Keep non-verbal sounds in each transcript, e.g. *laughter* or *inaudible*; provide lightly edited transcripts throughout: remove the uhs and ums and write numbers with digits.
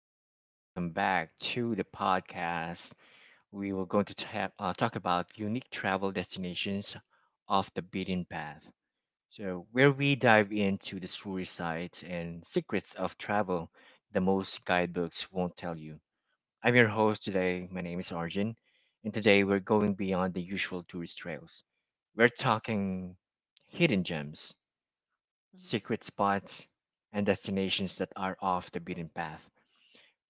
wanderers. Welcome back to the podcast. We were going to talk about unique travel destinations off the beaten path. So, where we dive into the story sites and secrets of travel the most guidebooks won't tell you. I'm your host today. My name is Arjun, and today we're going beyond the usual tourist trails. We're talking hidden gems, Mhm. secret spots, and destinations that are off the beaten path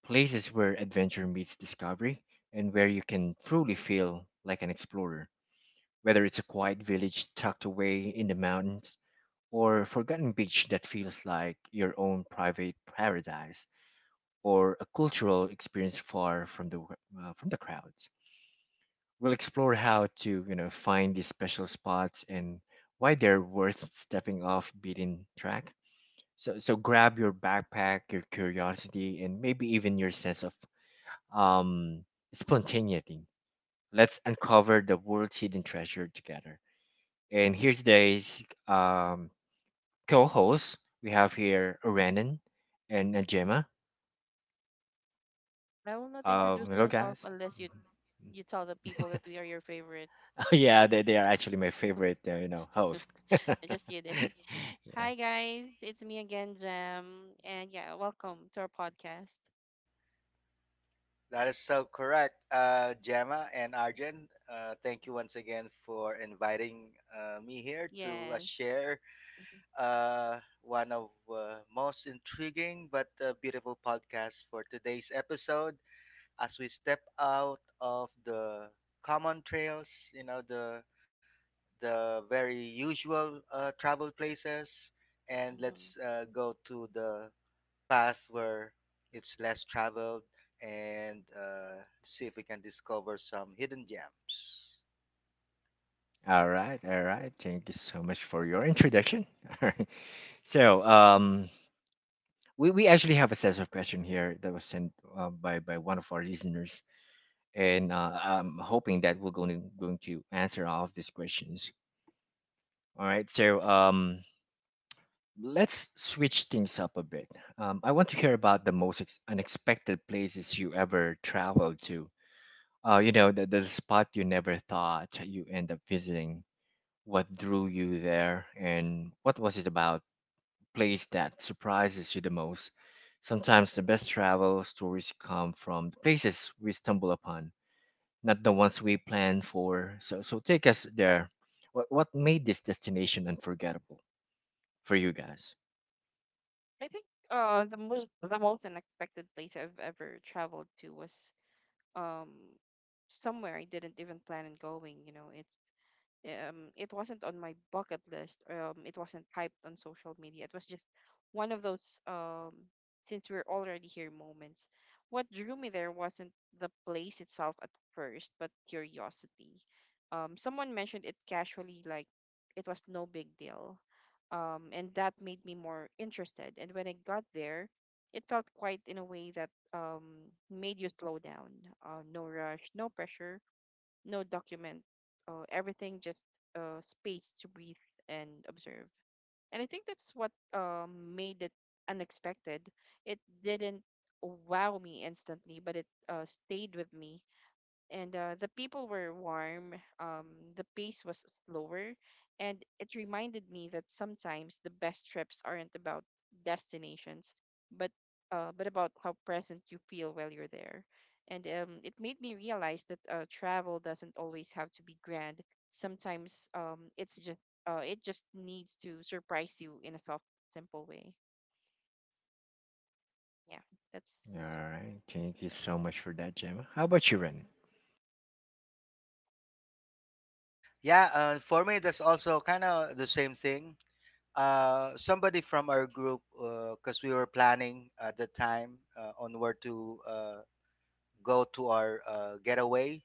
places where adventure meets discovery and where you can truly feel like an explorer. Whether it's a quiet village tucked away in the mountains, or a forgotten beach that feels like your own private paradise, or a cultural experience far from the crowds, we'll explore how to find these special spots and why they're worth stepping off beaten track. So grab your backpack, your curiosity, and maybe even your sense of um, spontaneity. Let's uncover the world's hidden treasure together. And here today's co hosts we have here Ranan and Gemma. I will not Um, introduce hello, myself guys. unless you tell the people that *laughs* we are your favorite. Oh, yeah, they are actually my favorite host. *laughs* *laughs* Just kidding. *laughs* Yeah. Hi guys, it's me again, Jem, and yeah, welcome to our podcast. That is so correct, Gemma and Arjen. Thank you once again for inviting me here to Yes. share Mhm, one of most intriguing but beautiful podcasts for today's episode. As we step out of the common trails, you know the very usual travel places, and mhm. let's go to the path where it's less traveled and see if we can discover some hidden gems. All right. All right. Thank you so much for your introduction. *laughs* All right. So, we actually have a set of question here that was sent by one of our listeners, and I'm hoping that we're going to answer all of these questions. All right, so Let's switch things up a bit. I want to hear about the most unexpected places you ever traveled to. The spot you never thought you end up visiting. What drew you there, and what was it about place that surprises you the most? Sometimes the best travel stories come from the places we stumble upon not the ones we planned for. So take us there. What made this destination unforgettable for you guys? I think the most unexpected place I've ever traveled to was um somewhere I didn't even plan on going. You know, it's. It wasn't on my bucket list. It wasn't hyped on social media. It was just one of those since we're already here moments. What drew me there wasn't the place itself at first, but curiosity. Someone mentioned it casually, like it was no big deal. And that made me more interested. And when I got there, it felt quite in a way that made you slow down. No rush, no pressure no document, everything just space to breathe and observe. And I think that's what made it unexpected. It didn't wow me instantly, but it stayed with me and the people were warm. Um, the pace was slower, and it reminded me that sometimes the best trips aren't about destinations, but about how present you feel while you're there. And it made me realize that travel doesn't always have to be grand. Sometimes it just needs to surprise you in a soft, simple way. Yeah, All that's right, thank that's you right. so much for that, Gemma. How about you, Ren? Yeah, for me, that's also kind of the same thing. Somebody from our group, because we were planning at the time on where to go to our getaway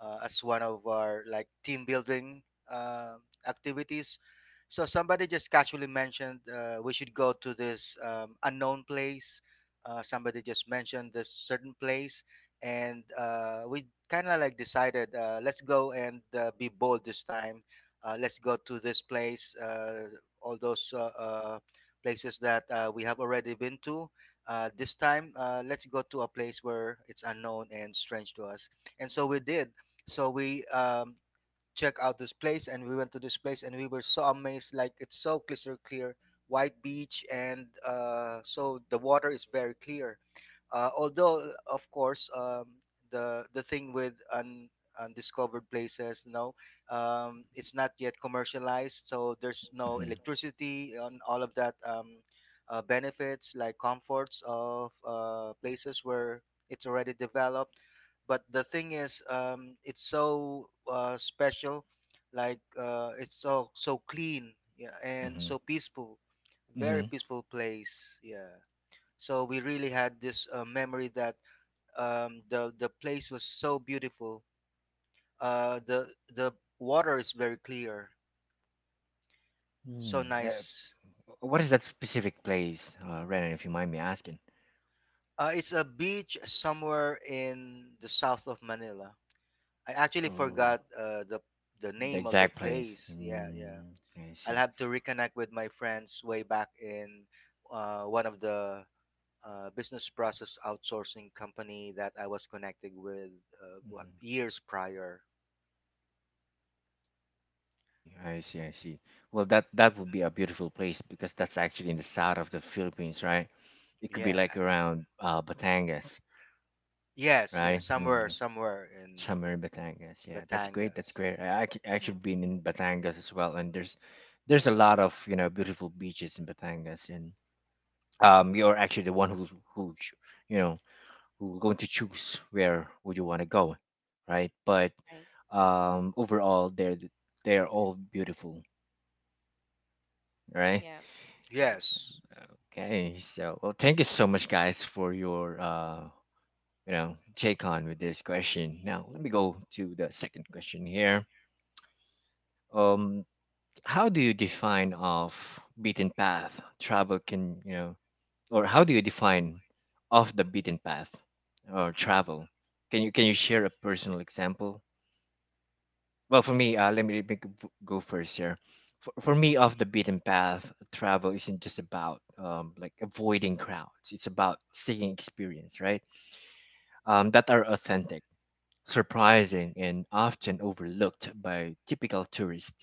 as one of our like team building uh, activities. So somebody just casually mentioned we should go to this unknown place. Somebody just mentioned this certain place, and we kind of like decided let's go and be bold this time. Let's go to this place. All those places that we have already been to. This time let's go to a place where it's unknown and strange to us, and so we did. So we check out this place and we went to this place and we were so amazed, like it's so crystal clear white beach, and so the water is very clear. Although, of course, the thing with undiscovered places, you know, it's not yet commercialized, so there's no Mm-hmm. electricity and all of that benefits like comforts of places where it's already developed. But the thing is, it's so special, like it's so so clean, yeah, and Mm-hmm. so peaceful, very Mm-hmm. peaceful place, yeah. So we really had this memory that the place was so beautiful. The water is very clear, so Mm. Uh, nice. what is that specific place, Ren? If you mind me asking. It's a beach somewhere in the south of Manila. I actually Oh, forgot the the name of the exact place. place. Yeah, yeah. Mm, I I'll see. have to reconnect with my friends way back in one of the business process outsourcing company that I was connected with what years prior. I see. Well, that would be a beautiful place because that's actually in the south of the Philippines, right? It could be Yeah. like around Batangas, Yes, right? yes, somewhere, Mm, somewhere in somewhere in Batangas. Yeah, that's great. Batangas. That's great. I actually Mm-hmm. been in Batangas as well, and there's a Right, lot of beautiful beaches in Batangas, and you're actually the one who ch- you know who going to choose where would you want to go, right? But right. Overall, they're all beautiful, right? Yeah, correct. Yes. Okay, so well, thank you so much, guys, for your take on with this question. Now, let me go to the second question here. Um, how do you define off beaten path travel? Or how do you define off the beaten path or travel? Can you share a personal example. Well, for me, let me go first here. For Hmm. me, off the beaten path, travel isn't just about like avoiding crowds. It's about seeking experience, right? That are authentic, surprising, and often overlooked by typical tourists.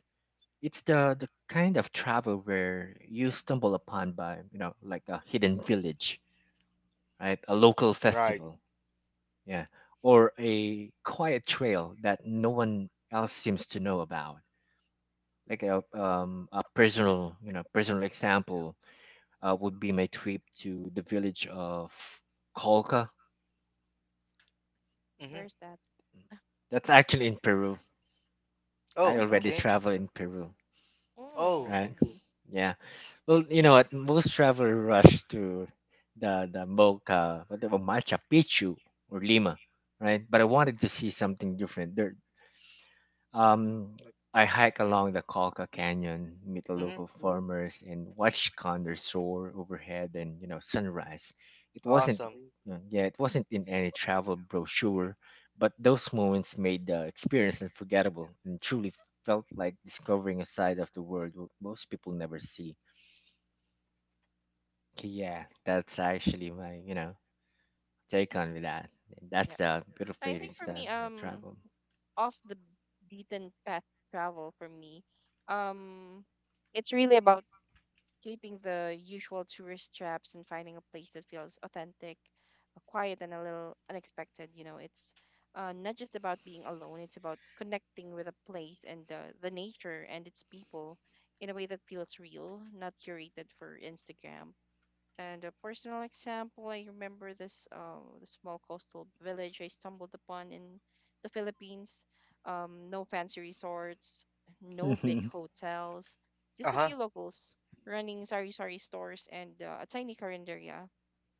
It's the kind of travel where you stumble upon by, like a hidden village, right? A local Right. festival, yeah, or a quiet trail that no one else seems to know about like a personal you know personal example would be my trip to the village of Colca. Hmm. Where's that? That's actually in Peru. I Oh, *laughs* already okay. travel in Peru, Oh, Mm, right? Cool. Yeah. Well, you know what? Most travelers rush to the Mocha, whatever Machu Picchu or Lima, right? But I wanted to see something different. There, Um, I hike along the Calca Canyon, meet the hmm, local farmers, and watch condors soar overhead and sunrise. It wasn't, awesome. Yeah, it wasn't in any travel brochure, but those moments made the experience unforgettable and truly felt like discovering a side of the world most people never see. Okay, yeah, that's actually my take on with that. That's yeah. the beautiful I think place for that me, I travel. off the beaten path travel for me, um, it's really about keeping the usual tourist traps and finding a place that feels authentic, quiet, and a little unexpected. You know, it's not just about being alone, it's about connecting with a place and the nature and its people in a way that feels real, not curated for Instagram. And a personal example, I remember this the small coastal village I stumbled upon in the Philippines. No fancy resorts, no big *laughs* hotels, just Uh a huh. few locals running sari-sari stores and a tiny carinderia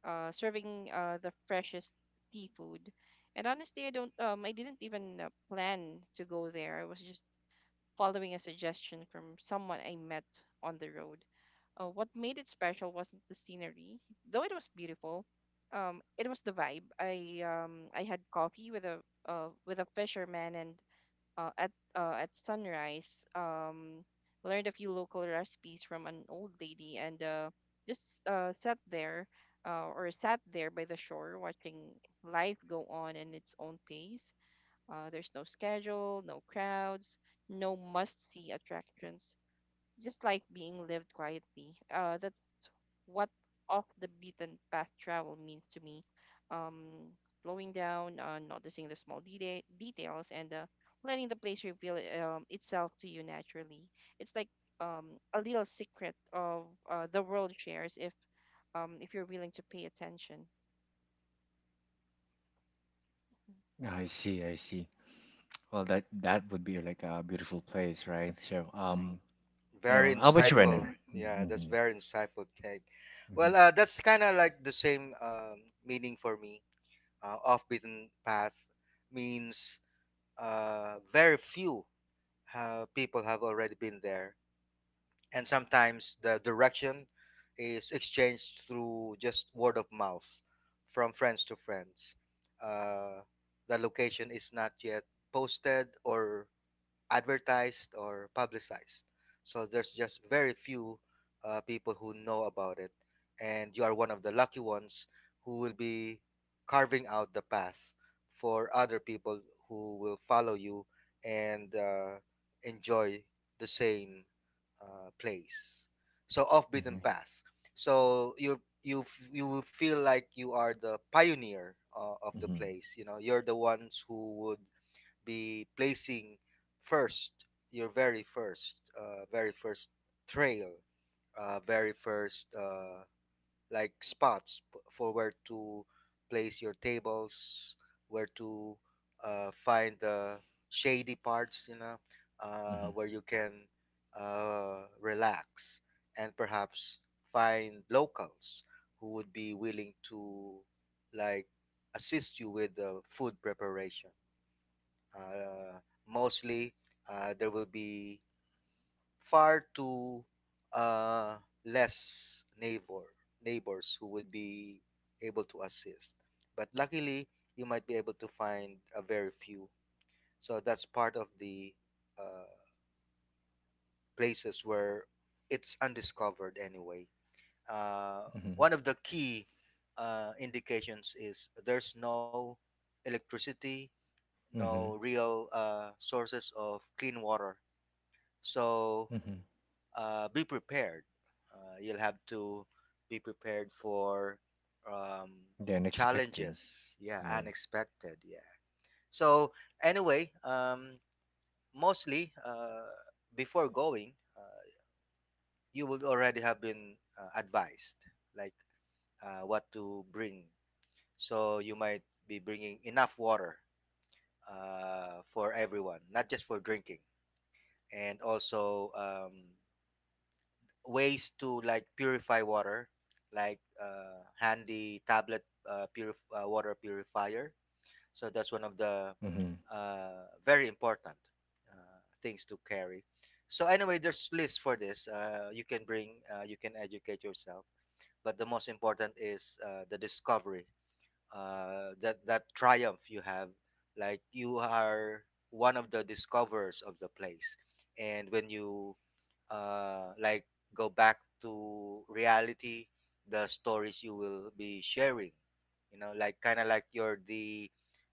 serving the freshest seafood. And honestly, I didn't even plan to go there. I was just following a suggestion from someone I met on the road. What made it special wasn't the scenery, though it was beautiful. It was the vibe. I had coffee with a with a fisherman, and at sunrise, learned a few local recipes from an old lady, and just sat there or sat there by the shore, watching life go on in its own pace there's no schedule, no crowds, no must see attractions, just like being lived quietly. That's what off the beaten path travel means to me. Um, Slowing down, noticing the small details, and letting the place reveal itself to you naturally. It's like a little secret of the world shares if you're willing to pay attention. I see, I see. Well, that would be like a beautiful place, right? So, Right, um, you Very know, how about you, insightful. Renan? Yeah, that's Mm-hmm. very insightful take. Mm-hmm. Well, that's kind of like the same meaning for me. Off beaten path means very few people have already been there, and sometimes the direction is exchanged through just word of mouth from friends to friends. Uh, the location is not yet posted or advertised or publicized. So there's just very few people who know about it, and you are one of the lucky ones who will be carving out the path for other people who will follow you and enjoy the same place. So off beaten Mm-hmm. right. path. So you you will feel like you are the pioneer of the Mm-hmm. place. You know, you're the ones who would be placing first your very first trail very first like spots for where to place your tables, where to find the shady parts, you know, Mm-hmm. where you can relax and perhaps find locals who would be willing to like assist you with the food preparation. uh, Mostly, there will be far too uh, less neighbors who would be able to assist. But luckily, you might be able to find a very few. So that's part of the uh, places where it's undiscovered anyway. Uh, Mm-hmm. one of the key indications is there's no electricity, Mm-hmm. no Mm-hmm. real sources of clean water. So Mm-hmm. Be prepared. You'll have to be prepared for um, The unexpected. challenges. Yeah, Yeah. unexpected. Yeah. So anyway, mostly before going, you would already have been advised, like what to bring. So you might be bringing enough water for everyone, not just for drinking, and also. Ways to like purify water, like handy tablet, water purifier. So that's one of the Mm-hmm. Very important things to carry. So anyway, there's lists for this. You can bring, you can educate yourself. But the most important is the discovery, that that triumph you have, like you are one of the discoverers of the place, and when you like go back to reality, the stories you will be sharing, you know, like kind of like you're the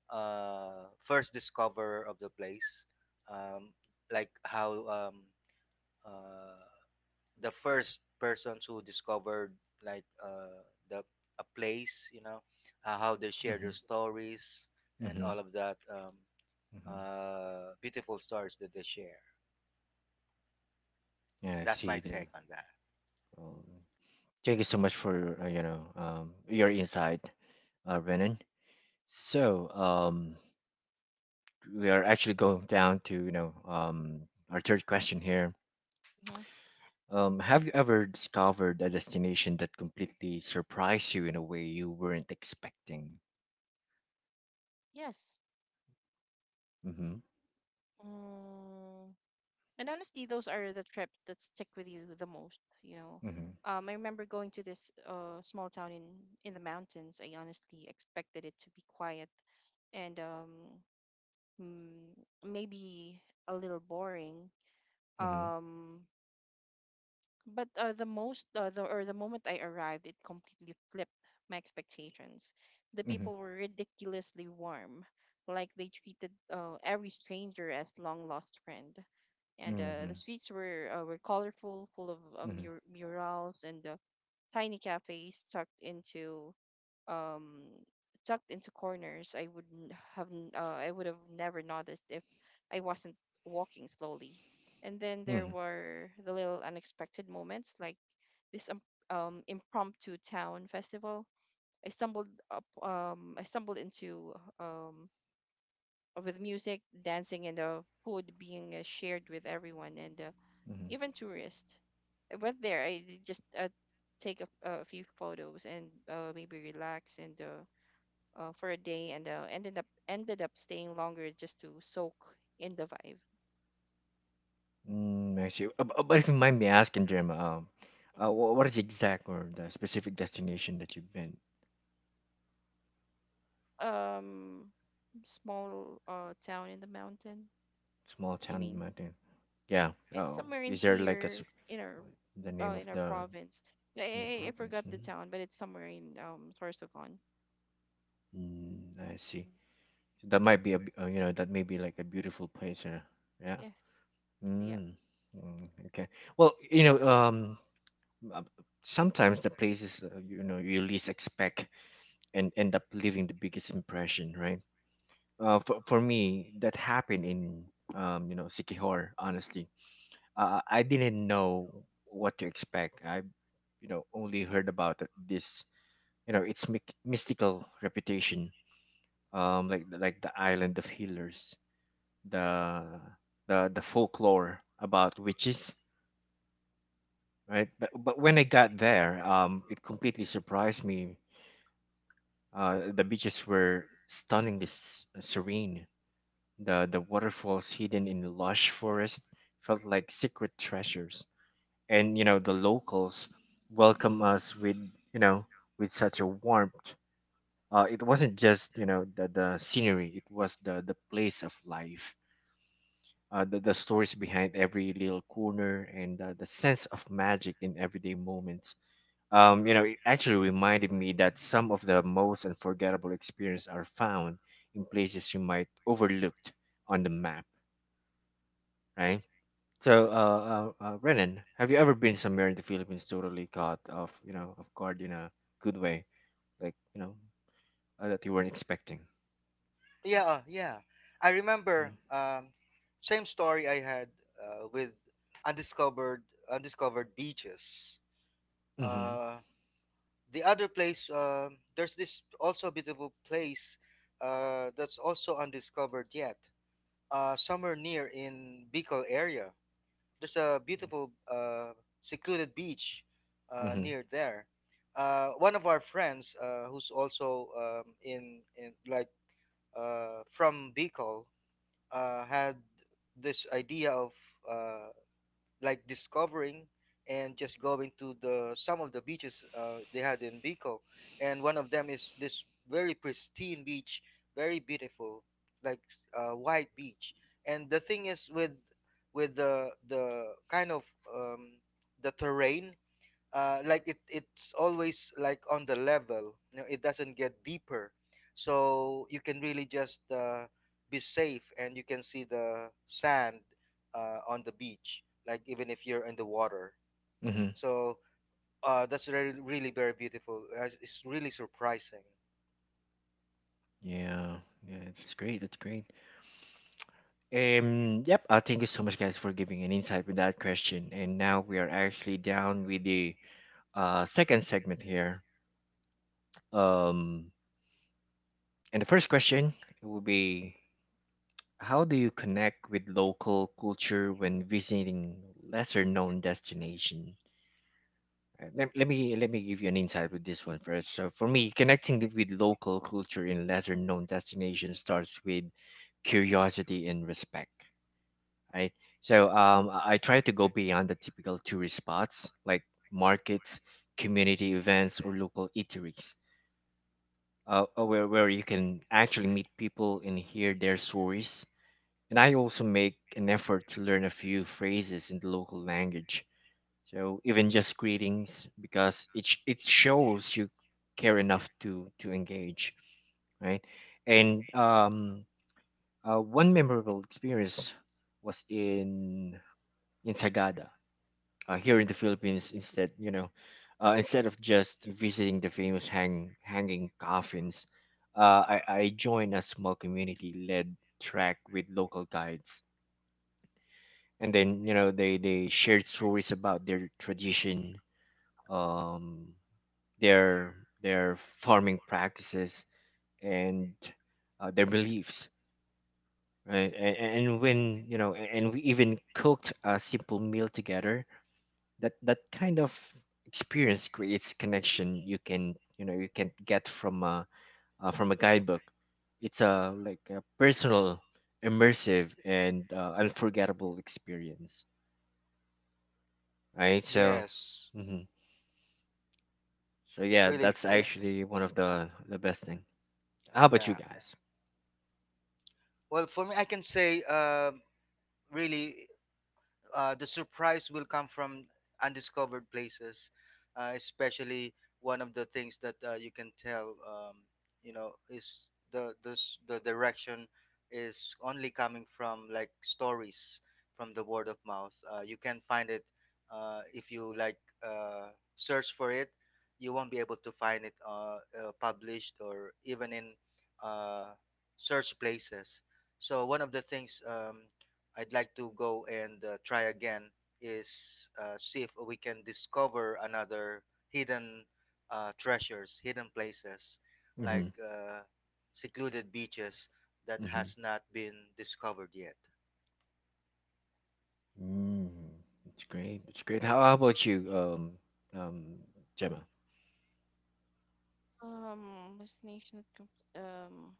first discoverer of the place, um, like how uh, the first persons who discovered like the a place, you know, how they share Mm-hmm. their stories and Mm-hmm. all of that Mm-hmm. Beautiful stories that they share. Yeah. I That's see. my take on that. Well, thank you so much for your insight, Renan. So, We are actually going down to our third question here. Hmm. Have you ever discovered a destination that completely surprised you in a way you weren't expecting? Yes. Mm-hmm. Mm, and honestly, those are the trips that stick with you the most, you know. Mm-hmm. I remember going to this small town in the mountains. I honestly expected it to be quiet and mm, maybe a little boring. Mm-hmm. Um, but the most, the, or the moment I arrived, it completely flipped my expectations. The Mm-hmm. people were ridiculously warm, like they treated every stranger as long lost friend and uh, the Mm-hmm. streets were uh, were colorful, full of Mm-hmm. Murals and tiny cafes um tucked into corners. I would have never noticed if I wasn't walking slowly. And then there Mm-hmm. were the little unexpected moments, like this impromptu town festival. I stumbled into um with music, dancing, and food being shared with everyone and Mm-hmm. even tourists. I went there. I d- just take a few photos and maybe relax and for a day, and ended up staying longer just to soak in the vibe. Mm, I see. But if you mind me asking, Jim, Hmm. What is the exact or the specific destination that you've been? Um, small town in the mountain. Small You town mean mountain. Yeah. it's Oh, somewhere in is there like a here s- in our what- the name in of our the province. I, the I province? forgot the Hmm. town, but it's somewhere in Sorsogon. Mm, I see. Mhm. So that might be a b- that may be like a beautiful place. Yeah. Yes. Yep. Mm, mm, okay. Well, uh, sometimes the places you least expect and end up leaving the biggest impression, right? For me, that happened in Sikihor. Honestly, I didn't know what to expect. I only heard about this, its mystical reputation, like like the island of healers, the the folklore about witches, right? But when I got there, it completely surprised me. The beaches were stunningly serene. The waterfalls hidden in lush forest felt like secret treasures. And the locals welcomed us with you know with such a warmth. It wasn't just the scenery; it was the place of life. The stories behind every little corner and the sense of magic in everyday moments. It actually reminded me that some of the most unforgettable experiences are found in places you might overlooked on the map, right? So, Renan, have you ever been somewhere in the Philippines totally caught off, off guard in a good way, like you know, that you weren't expecting? Yeah. Yeah, yeah. I Mm-hmm. remember same story I had with undiscovered undiscovered beaches. Uh, the other place, there's this also beautiful place that's also undiscovered yet, somewhere near in Bicol area. There's a Mm-hmm. beautiful secluded beach Mm-hmm. near there. One of our friends, who's also in like from Bicol, had this idea of uh, like discovering and just going to the some of the beaches they had in Bicol, and one of them is this very pristine beach, very beautiful, like white beach. And the thing is with the kind of um, the terrain, like it's always like on the level, you know, it doesn't get deeper, so you can really just be safe and you can see the sand on the beach, like even if you're in the water. Mm-hmm. So that's really really very beautiful. It's really surprising. Yeah. Yeah. That's great. That's great. Yep. Thank you so much, guys, for giving an insight with that question. And now we are actually down with the second segment here. Um, and the first question will be: how do you connect with local culture when visiting lesser known destination? Let me give you an insight with this one first. So for me, connecting with local culture in lesser known destinations starts with curiosity and respect, right? So I try to go beyond the typical tourist spots like markets, community events, or local eateries where you can actually meet people and hear their stories. And I also make an effort to learn a few phrases in the local language. So even just greetings, because it shows you care enough to engage, right? And one memorable experience was in Sagada here in the Philippines. Instead, you know, instead of just visiting the famous hanging coffins, I joined a small community led track with local guides. And then, you know, they shared stories about their tradition, um, their their farming practices and their beliefs. Right. And when, you know, a- and we even cooked a simple meal together. That kind of experience creates connection you can get from a guidebook. It's a personal, immersive, and unforgettable experience, right? So Yes, hmm, so yeah, really. that's, yeah, actually one of the best thing. How about you Yeah. guys? Well, for me, I can say really the surprise will come from undiscovered places, especially one of the things that you can tell, you know, is the the the direction is only coming from like stories from the word of mouth. You can find it if you like uh, search for it. You won't be able to find it published or even in uh, search places. So one of the things, I'd like to go and try again is see if we can discover another hidden treasures, hidden places Mm-hmm. like secluded beaches that Mm-hmm. has not been discovered yet. Mm. It's great. How about you, um um gemma? Um, destination. at com- Um,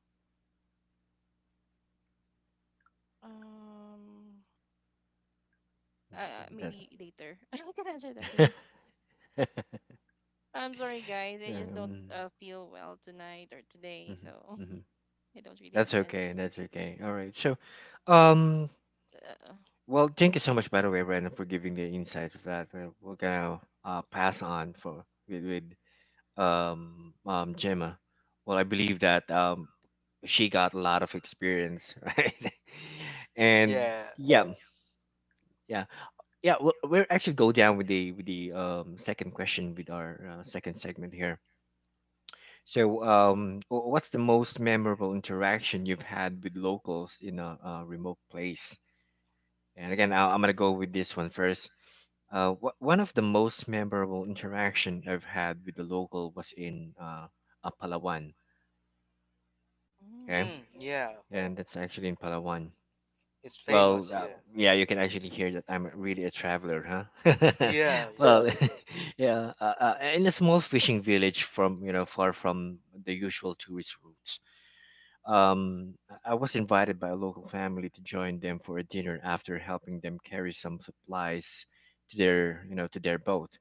Um, That Maybe later. *laughs* I can answer that later. *laughs* I'm sorry, guys. I just don't um, feel well tonight or today, mhm, so mhm. *laughs* I don't really have That's the okay. energy. That's okay. All right. So, um, Uh, well, thank you so much, by the way, Brandon, for giving the insights of that. We're gonna pass on for with Gemma. Well, I believe that she got a lot of experience, *laughs* right? And Yeah. yeah, yeah, yeah. We'll actually go down with the second question with our second segment here. So, What's the most memorable interaction you've had with locals in a remote place? And again, I'm gonna go with this one first. One of the most memorable interaction I've had with the local was in Palawan. mm, Okay, Mm, yeah. and that's actually in Palawan. It's Well, famous. Yeah. yeah, you can actually hear that I'm really a traveler, huh? Yeah. *laughs* Yeah. well, *laughs* yeah, in a small fishing village from far from the usual tourist routes. I was invited by a local family to join them for a dinner after helping them carry some supplies to their boat.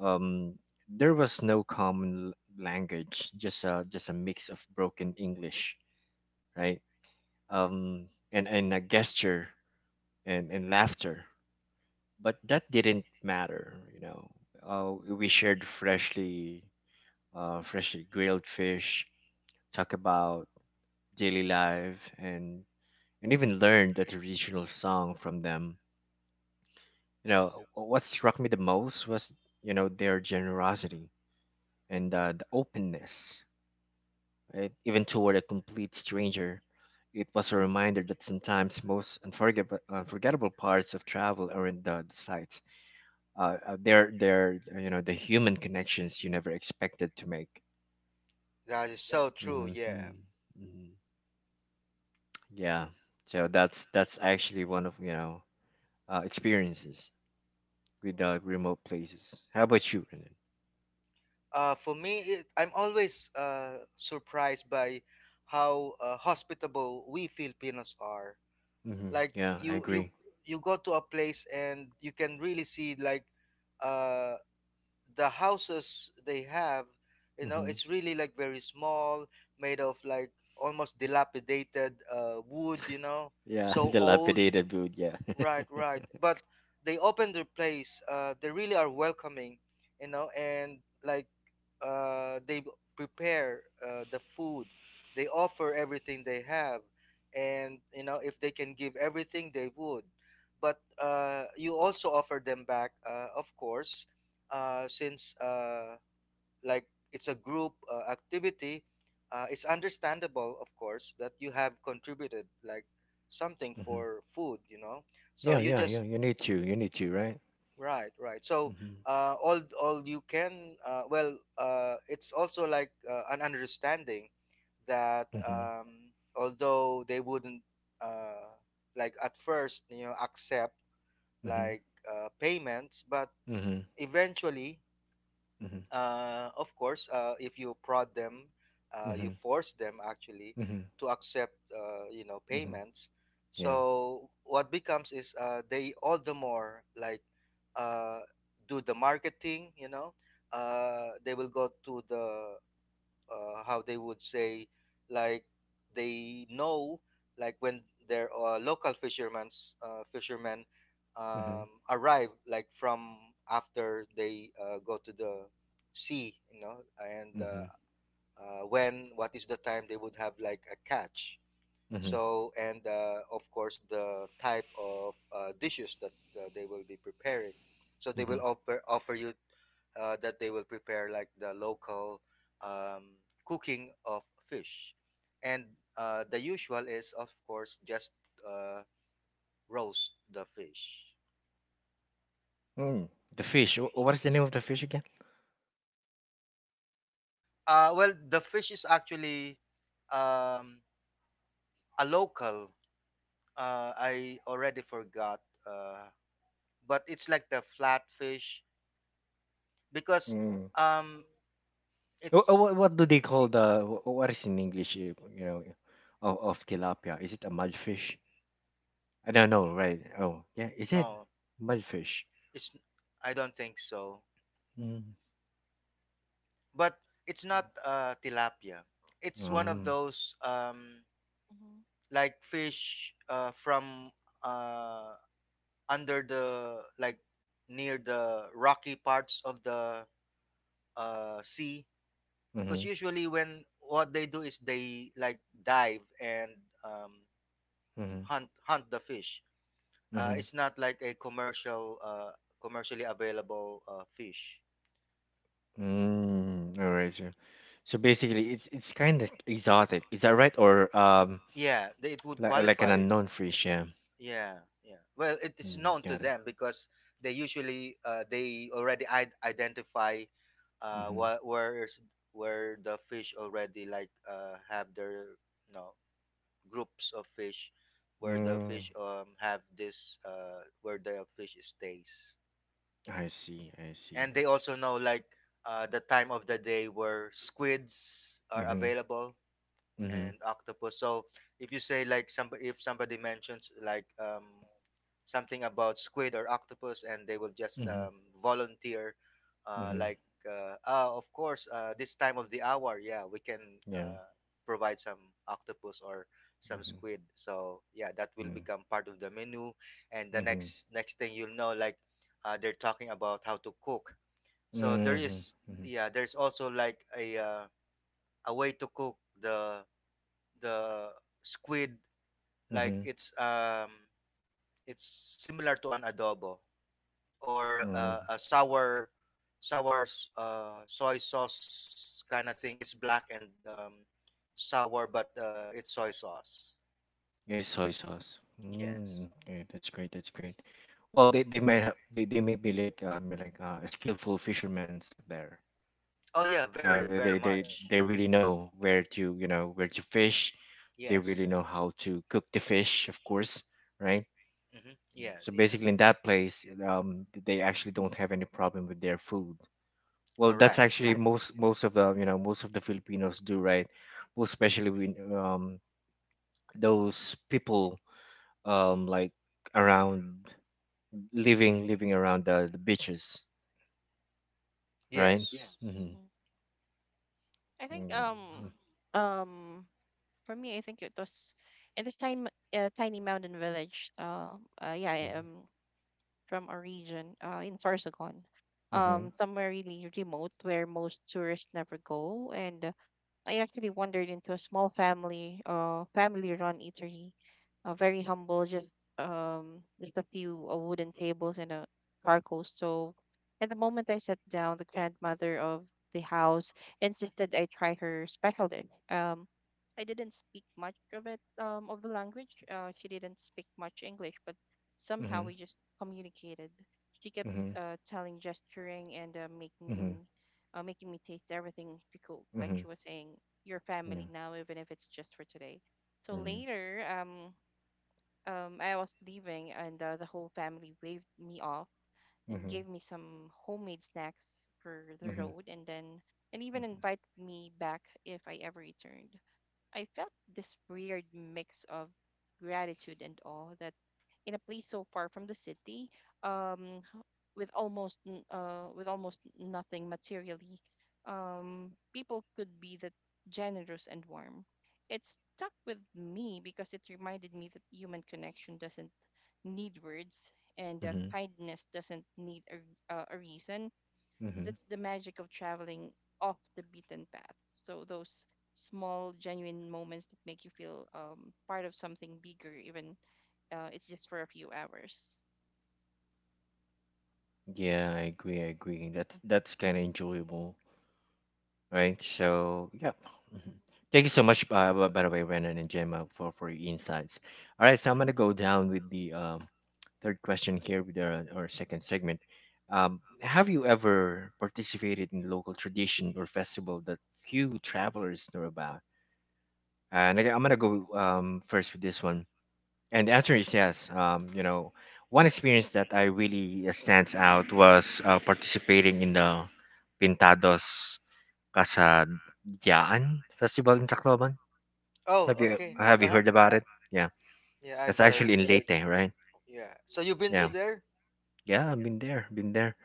Um, there was no common language, just a mix of broken English, right? And a gesture and laughter, but that didn't matter, you know. We shared freshly grilled fish, talk about daily life and even learned a traditional song from them. What struck me the most was, their generosity and the openness, right? Even toward a complete stranger. It was a reminder that sometimes most unforgettable parts of travel are in the sights. They're the human connections you never expected to make. That is so true. hmm hmm Yeah. Yeah. So that's actually one of, experiences mhm, without remote places. How about you, Renan? For me, it, I'm always surprised by how hospitable we Filipinos are, like Yeah, I you agree. you go to a place and you can really see like uh the houses they have, you know, hmm it's really like very small, made of like almost dilapidated wood, you know, Yeah, *laughs* so old. dilapidated build. Yeah. Right, right. But they open their place. They really are welcoming, you know, and like they prepare the food. They offer everything they have, and you know if they can give everything, they would. But you also offer them back, of course, since like it's a group activity, it's understandable, of course, that you have contributed like something *laughs* hmm for food, you know. So Yeah, you yeah, yeah. just You need to. You need to, right? right, right. So hmm all you can well, it's also like an understanding that hmm although they wouldn't uh, like at first, you know, accept hmm like payments, but hmm eventually hmm of course, if you prod them, you hmm force them actually hmm to accept, you know, hmm payments. Yeah. So what becomes is they all the more like uh, do the marketing. You know, they will go to the how they would say like they know like when their local fishermen hmm hmm arrive like from after they go to the sea, you know, and when what is the time they would have like a catch. hmm So, and of course, the type of dishes that they will be preparing. So they will hmm offer you that they will prepare like the local um, cooking of fish, and the usual is of course just uh, roast the fish. Mm. The fish. What is the name of the fish again? Well, the fish is actually um, a local. I already forgot, uh, but it's like the flat fish because Mm. um, it's What, what do they call the? What is in English? You know, of tilapia. Is it a mudfish? I don't know, right? Oh, yeah. Is it no, mudfish? it's I don't think so. Mm. But it's not tilapia. It's one of Um. those mhm. like fish from uh under the like near the rocky parts of the sea, because Mhm. usually when what they do is they like dive and um Mhm. Hunt the fish. Uh, Mhm. it's not like a commercial commercially available fish. Mm. All right. So basically, it's kind of exotic. Is that right? Or Yeah, they, it would like an qualify. unknown fish? Yeah. Yeah, yeah. Well, it is Mm, known to got it. them because they usually, they already identify Mhm. what where's where the fish already, like, have their you know groups of fish, where the Mm. fish have this where the fish stays. I see. I see. And they also know, like, the time of the day where squids are Mhm. available, Mhm. and octopus. So if you say like somebody if somebody mentions, like, something about squid or octopus, and they will just Mhm. Volunteer, uh, Mhm. like oh, of course, this time of the hour, yeah, we can, Yeah. uh, provide some octopus, or some Mhm. squid. So yeah, that will Mhm. become part of the menu, and the Mhm. next thing you'll know, like, they're talking about how to cook. So there Mhm. is, Mhm. yeah, there's also like a way to cook the squid. like Mhm. it's um it's similar to an adobo, or Mhm. a soy sauce kind of thing. It's black and, sour, but, it's soy sauce. It's soy sauce. Yes. Mm, okay, that's great. That's great. Well, they might have they may be like skillful fishermen out there, Oh yeah, right? very very They Yeah. much. They really know where to where to fish. They really Yes. know how to cook the fish, of course, right? Mm-hmm. Yeah, So yeah. basically, in that place, they actually don't have any problem with their food. Well, that's Correct. actually most of the most of the Filipinos do, right? Most especially when those people um like around living around the beaches right Yes. mm-hmm. Mhm. I think Mm-hmm. um for me I think it was in this time tiny mountain village yeah from a region in Sorsogon, Mm-hmm. Somewhere really remote where most tourists never go. And I actually wandered into a small family-run eatery, very humble, just a few wooden tables and a charcoal stove. And the moment I sat down, the grandmother of the house insisted I try her special dish. I didn't speak much of of the language. She didn't speak much English, but somehow Mm-hmm. we just communicated. She kept telling, gesturing, and Mm-hmm. Mm-hmm. Making me taste everything she cooked. Like Mm-hmm. she was saying, your Mm-hmm. family yeah now, even if it's just for today. So mm-hmm. later, I was leaving, and the whole family waved me off and Mm-hmm. gave me some homemade snacks for the Mm-hmm. Mm-hmm. road, and then and even invited me back if I ever returned. I felt this weird mix of gratitude and awe that in a place so far from the city, um, h- with almost nothing materially, people could be that generous and warm. It stuck with me because it reminded me that human connection doesn't need words and Mm-hmm. kindness doesn't need a reason Mm-hmm. that's the magic of traveling off the beaten path. So those small, genuine moments that make you feel part of something bigger, even it's just for a few hours. Yeah, I agree that's Hmm. kind of enjoyable right? Yeah. So, yep. Mhm. Thank you so much, by the way, Renan and Gemma, for your insights. All right, so I'm going to go down with the third question here with our second segment. Have you ever participated in local tradition or festival that few travelers know about? And again, I'm going to go first with this one. And the answer is yes. One experience that I really stands out was participating in the Pintados Casa Yaan Festival in Tacloban? Have Oh, okay. Mhm. Uh you huh. heard about it? Yeah, Yeah, I've that's heard. actually in Yes. Leyte, right? Yeah. So you've been to Yeah, there? yeah, I've been there,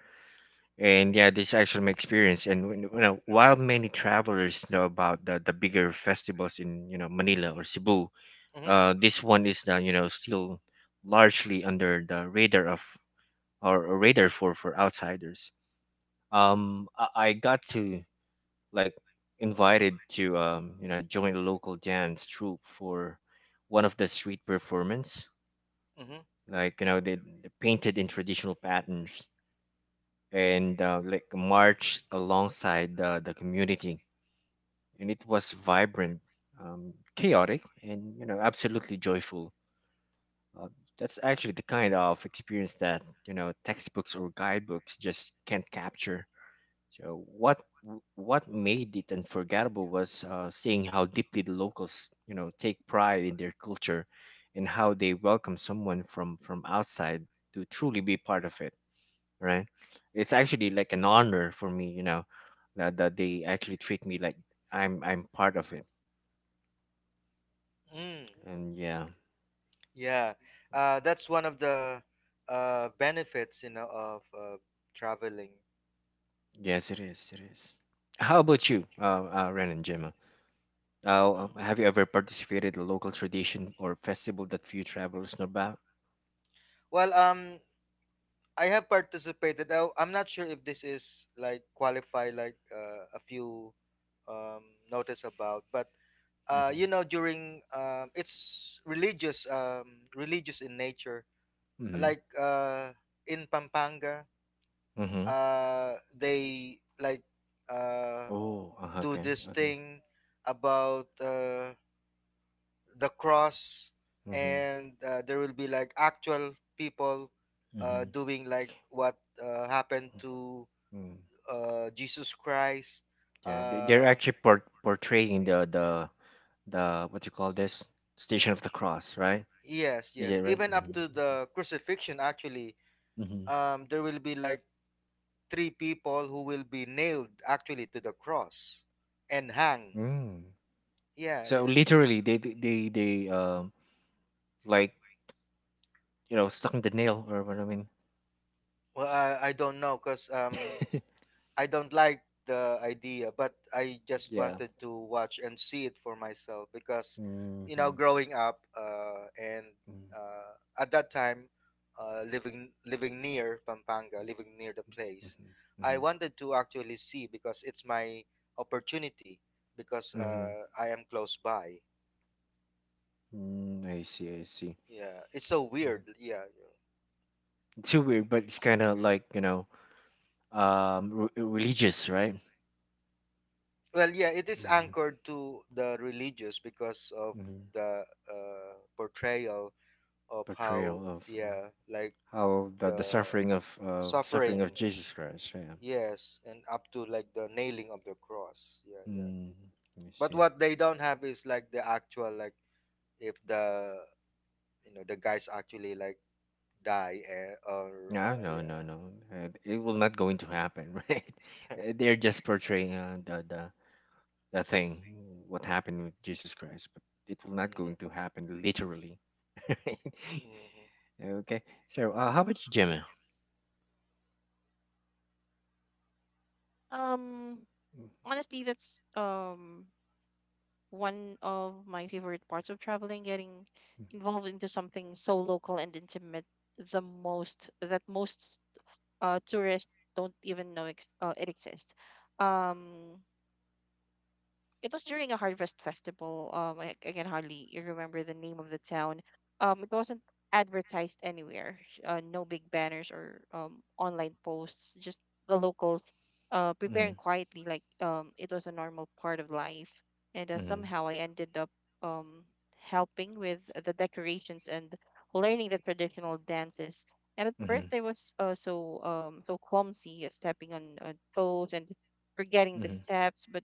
and yeah, this is actually my experience. And when- while many travelers know about the bigger festivals in Manila or Cebu, Mm-hmm. This one is still largely under the radar of or radar for outsiders. I got to like invited to join the local dance troupe for one of the street performance. Mm-hmm. They painted in traditional patterns and like marched alongside the community, and it was vibrant, chaotic, and absolutely joyful. Uh, that's actually the kind of experience that textbooks or guidebooks just can't capture. So what made it unforgettable was seeing how deeply the locals, take pride in their culture, and how they welcome someone from outside to truly be part of it. Right? It's actually like an honor for me, that they actually treat me like I'm part of it. Mm. And yeah, Yeah. That's one of the benefits, of, traveling. yes, it is. It is. How about you, Ren and Gemma? Mm. Have you ever participated in a local tradition or festival that few travelers know about? Well, I have participated. I'm not sure if this is like qualify, like, a few, um, notice about, but, during, it's religious in nature. Hmm Like, in Pampanga, Mm-hmm. They like, uh, Oh, do okay, this okay. thing about, the cross, Mm-hmm. and, there will be like actual people, Mm-hmm. doing like what, happened to, Mm. Jesus Christ. Yeah, they're Uh, actually portraying the what you call this Station of the Cross, right? yes, Is it yes. right? Even up Mm-hmm. to the crucifixion, actually, Mm-hmm. There will be like three people who will be nailed actually to the cross and hang. Mm. Yeah, So yeah. literally, they, like you know stuck in the nail or what I mean. Well, I don't know because, *laughs* I don't like the idea, but I just yeah. wanted to watch and see it for myself because, you know, Mm-hmm. growing up, and Mm-hmm. uh, at that time, living near Pampanga, living near the place, I Mm-hmm. wanted to actually see because it's my opportunity because, Mm-hmm. I am close by. Mm, I see. I see. Yeah, it's so Mm. weird. Yeah. It's so weird, but it's kind of like religious, right? Well, yeah, it is mm, anchored to the religious because of mhm, the, portrayal of how, portrayal of yeah, like how the the suffering of suffering, Jesus Christ. Yeah. yes, and up to like the nailing of the cross, yeah, yeah. Mm, let me But see. what they don't have is like the actual, like, if the you know the guys actually, like, die, eh, or, No, no, yeah. no, no. It will not going to happen, *laughs* right? *laughs* They're just portraying the thing, what happened with Jesus Christ, but it will not Hmm. going to happen literally. *laughs* right? Hmm. Okay. So, how about you, Gemma? Um, Honestly, that's one of my favorite parts of traveling, getting involved into something so local and intimate, the most that most tourists don't even know it exists. Um, It was during a harvest festival. Um, I can hardly remember the name of the town. It wasn't advertised anywhere. No big banners or online posts. Just the locals, Mm-hmm. preparing quietly like it was a normal part of life. And Mm-hmm. somehow I ended up um helping with the decorations and learning the traditional dances. And at Mm-hmm. first, I was so clumsy, stepping on toes and forgetting the Mm-hmm. steps. But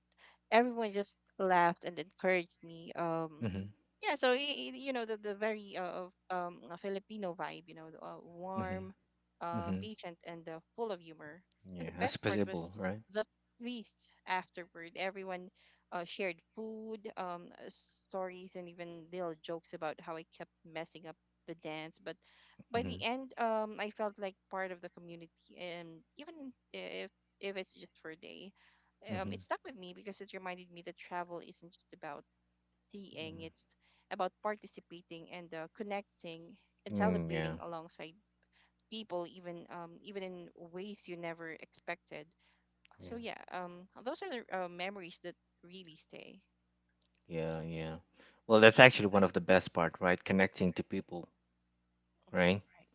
everyone just laughed and encouraged me. Mm-hmm. Mm-hmm. Yeah, so you know the very Filipino vibe, you know, Mm-hmm. warm, Mm-hmm. patient, and full of humor. And Yeah, the that's best part possible, was right? the feast afterward. Everyone shared food, stories, and even little jokes about how I kept messing up the dance. But by Mm-hmm. the end, I felt like part of the community, and even if it's just for a day it Mm-hmm. stuck with me because it reminded me that travel isn't just about seeing, Mm, it's about participating and connecting and Mm, yeah, celebrating alongside people, even even in ways you never expected. So yeah, yeah, those are the memories that really stay. yeah, yeah. Well, that's actually one of the best part, right? Connecting to people, Mm-hmm. right? Right.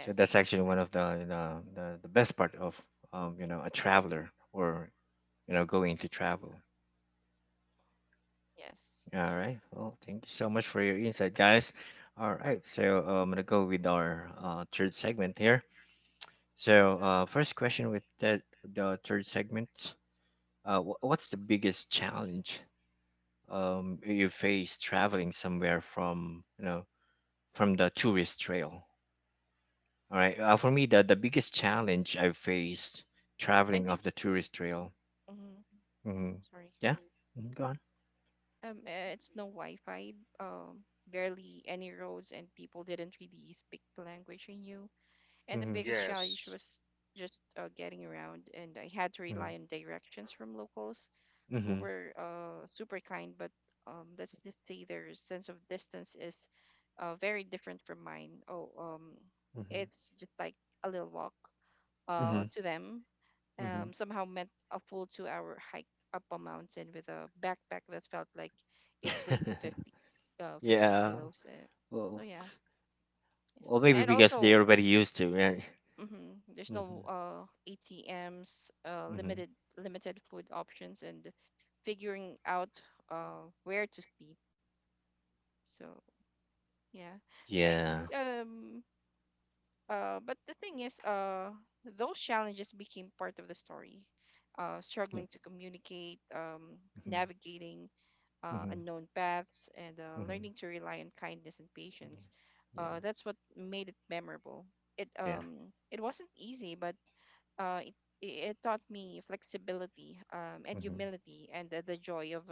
So that's actually one of the best part of a traveler or going to travel. yes. All right. Well, thank you so much for your insight, guys. All right. So I'm gonna go with our third segment here. So first question with that the third segment. What's the biggest challenge you face traveling somewhere from from the tourist trail. All right, for me the biggest challenge I faced I traveling think. off the tourist trail. Mhm, hmm sorry. yeah. Mhm, go on. It's no Wi-Fi. Barely any roads, and people didn't really speak the language I knew. And the hmm biggest challenge Yes, was just getting around, and I had to hmm rely on directions from locals who hmm were super kind, but let's just say their sense of distance is very different from mine. Oh, hmm it's just like a little walk hmm to them. hmm Somehow meant a full 2 hour hike up a mountain with a backpack that felt like it weighed *laughs* 50, 50 yeah. kilos. So, Well, yeah. It's, well maybe and because also, they're already used to, right? hmm. There's no hmm ATMs, hmm limited food options and figuring out where to sleep. So yeah. But I yeah. think but the thing is those challenges became part of the story. Yep Struggling to communicate, hmm navigating hmm unknown paths and hmm learning to rely on kindness and yeah. patience. Yeah. That's what made it memorable. Yeah. It wasn't easy, but uh, it, it taught me flexibility and mm-hmm. humility and the joy of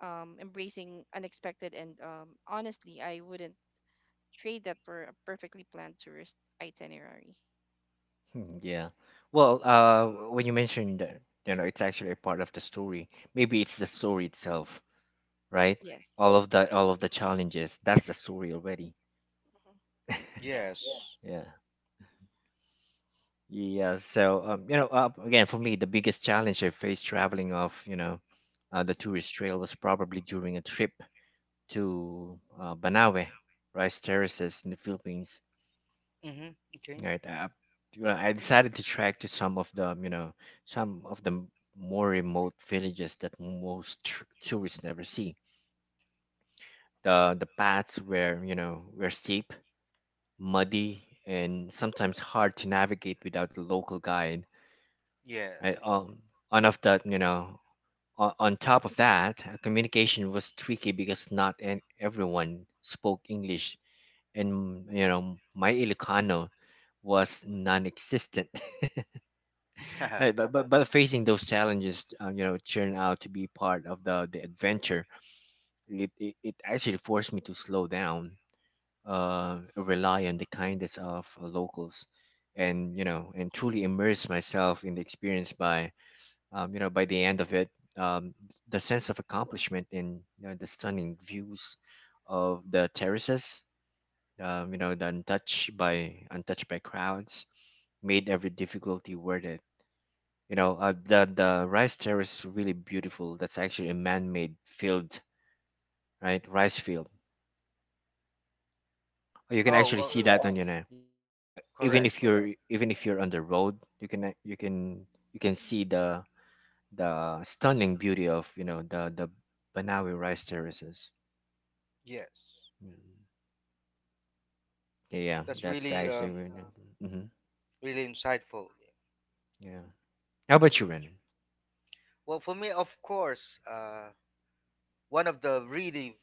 embracing unexpected. And honestly, I wouldn't trade that for a perfectly planned tourist itinerary. Hmm, Yeah. Well, when you mentioned that, it's actually a part of the story. Maybe it's the story itself, right? Yes. All of the challenges. That's the story already. Mhm. Yeah. yes. Yeah. Yeah. So, again, for me, the biggest challenge I faced traveling off, the tourist trail was probably during a trip to Banawe, rice terraces in the Philippines. Hmm. Okay. Right. I decided to track to some of the, some of the more remote villages that most tourists never see. The paths were, were steep, muddy, and sometimes hard to navigate without a local guide. Yeah. Right. On of that, you know, on top of that, communication was tricky because not an, everyone spoke English, and my Ilocano was non-existent. Right, *laughs* but, facing those challenges, turn out to be part of the adventure. It actually forced me to slow down, rely on the kindness of locals, and and truly immerse myself in the experience. By by the end of it, um, the sense of accomplishment and the stunning views of the terraces, the untouched by crowds, made every difficulty worth it. The rice terrace is really beautiful. That's actually a man-made field, right? Rice field. You can Oh, actually oh. see that on your Yes. Correct. Even if you're on the road, you can you can you can see the stunning beauty of you know the Banawi rice terraces. Yes. Mm. Yeah, That's that's really actually um really. Mm-hmm. really insightful. Yeah. How about you, Renan? Well, for me, of course, one of the really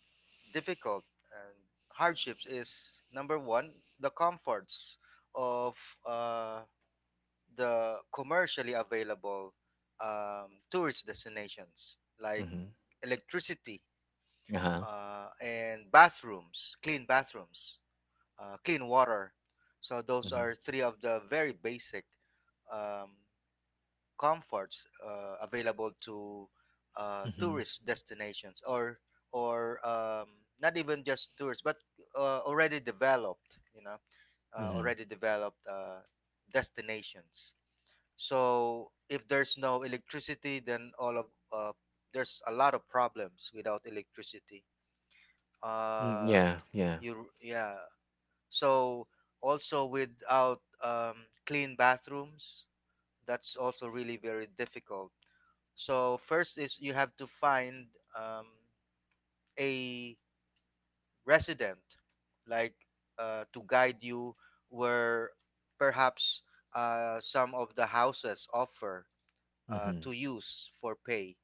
difficult and hardships is number one, the comforts of, uh, the commercially available, tourist destinations, like Mm-hmm. electricity, Uh huh. And bathrooms, clean bathrooms, clean water. So those are Mm-hmm. three of the very basic, um, comforts, available to, Mm-hmm. tourist destinations, or, or um, not even just tourists, but, uh, already developed you know already developed destinations. So if there's no electricity, then all of uh, there's a lot of problems without electricity, Mm-hmm. uh, Yeah. Yeah. you yeah so also, without, clean bathrooms, that's also really very difficult. So first is you have to find, um, a resident, like, to guide you where, perhaps, some of the houses offer, Mm-hmm. to use for pay,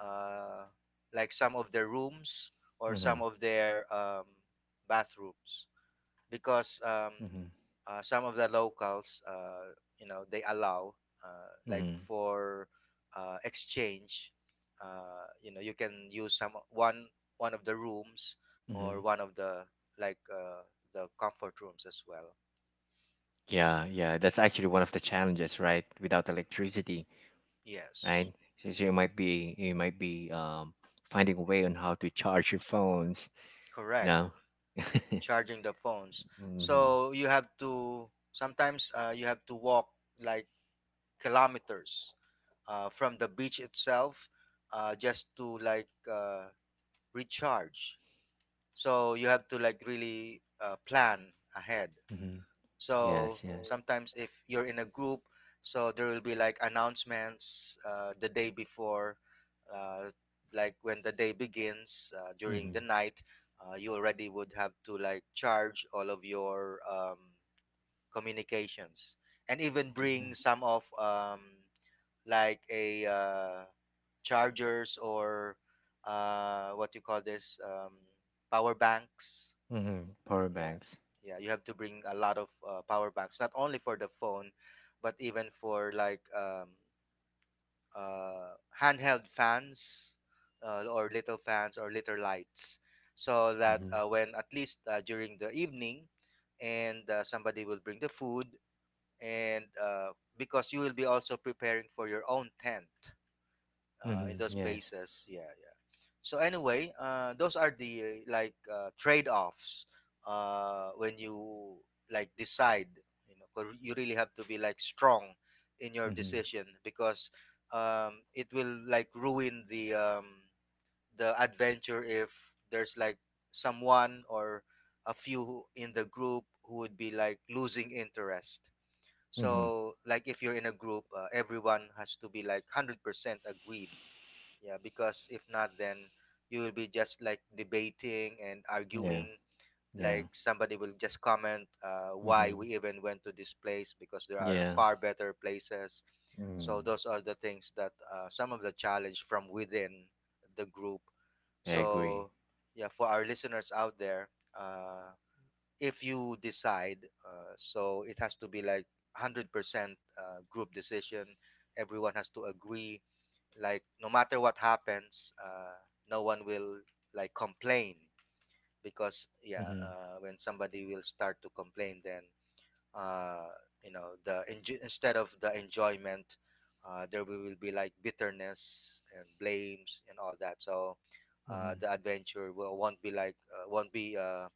uh, like some of their rooms, or Mm-hmm. some of their, bathrooms, because, Mm-hmm. Some of the locals, they allow, like Mm-hmm. for, exchange, you can use some one one of the rooms, Mm-hmm. or one of the, like uh, the comfort rooms as well. Yeah, yeah, that's actually Yeah. one of the challenges, right? Without electricity, Yes. right? So, so you might be finding a way on how to charge your phones, you Correct. know. Charging the phones, hmm so you have to sometimes, you have to walk, like, kilometers, from the beach itself, just to, like, recharge. So you have to, like, really, plan ahead. hmm So Yes, yes. sometimes, if you're in a group, so there will be like announcements, the day before, uh, like when the day begins, during Mm-hmm. the night, you already would have to, like, charge all of your, communications, and even bring Yeah. some of, like a chargers, or, what you call this, power banks. Mm-hmm. Power Yeah, banks. yeah. You have to bring a lot of, power banks, not only for the phone, but even for, like, uh, handheld fans, or little fans or little lights, so that, Mm-hmm. When at least, during the evening, and, somebody will bring the food, and, because you will be also preparing for your own tent, in Mm-hmm. those Yes. places. Yeah, yeah. So anyway, those are the, trade-offs, when you, like, decide, you know, 'cause you really have to be, like, strong in your Mm-hmm. decision, because, it will, like, ruin the, adventure, if there's like someone, or a few in the group who would be, like, losing interest. Mm-hmm. So, like, if you're in a group, everyone has to be like 100% agreed. Yeah, because if not, then you will be just, like, debating and Yeah. arguing. Yeah. Like somebody will just comment, why Mm-hmm. we even went to this place because there are Yeah. far better places. So Mm. those are the things that, some of the challenge from within the group. I agree. So yeah, for our listeners out there, uh, if you decide, so it has to be like 100%, group decision. Everyone has to agree, like no matter what happens, no one will, like, complain, because, yeah, Mm-hmm. When somebody will start to complain, then, uh, instead of the enjoyment, there will be like bitterness and blames and all that. So, Mm-hmm. the won't be won't be uh,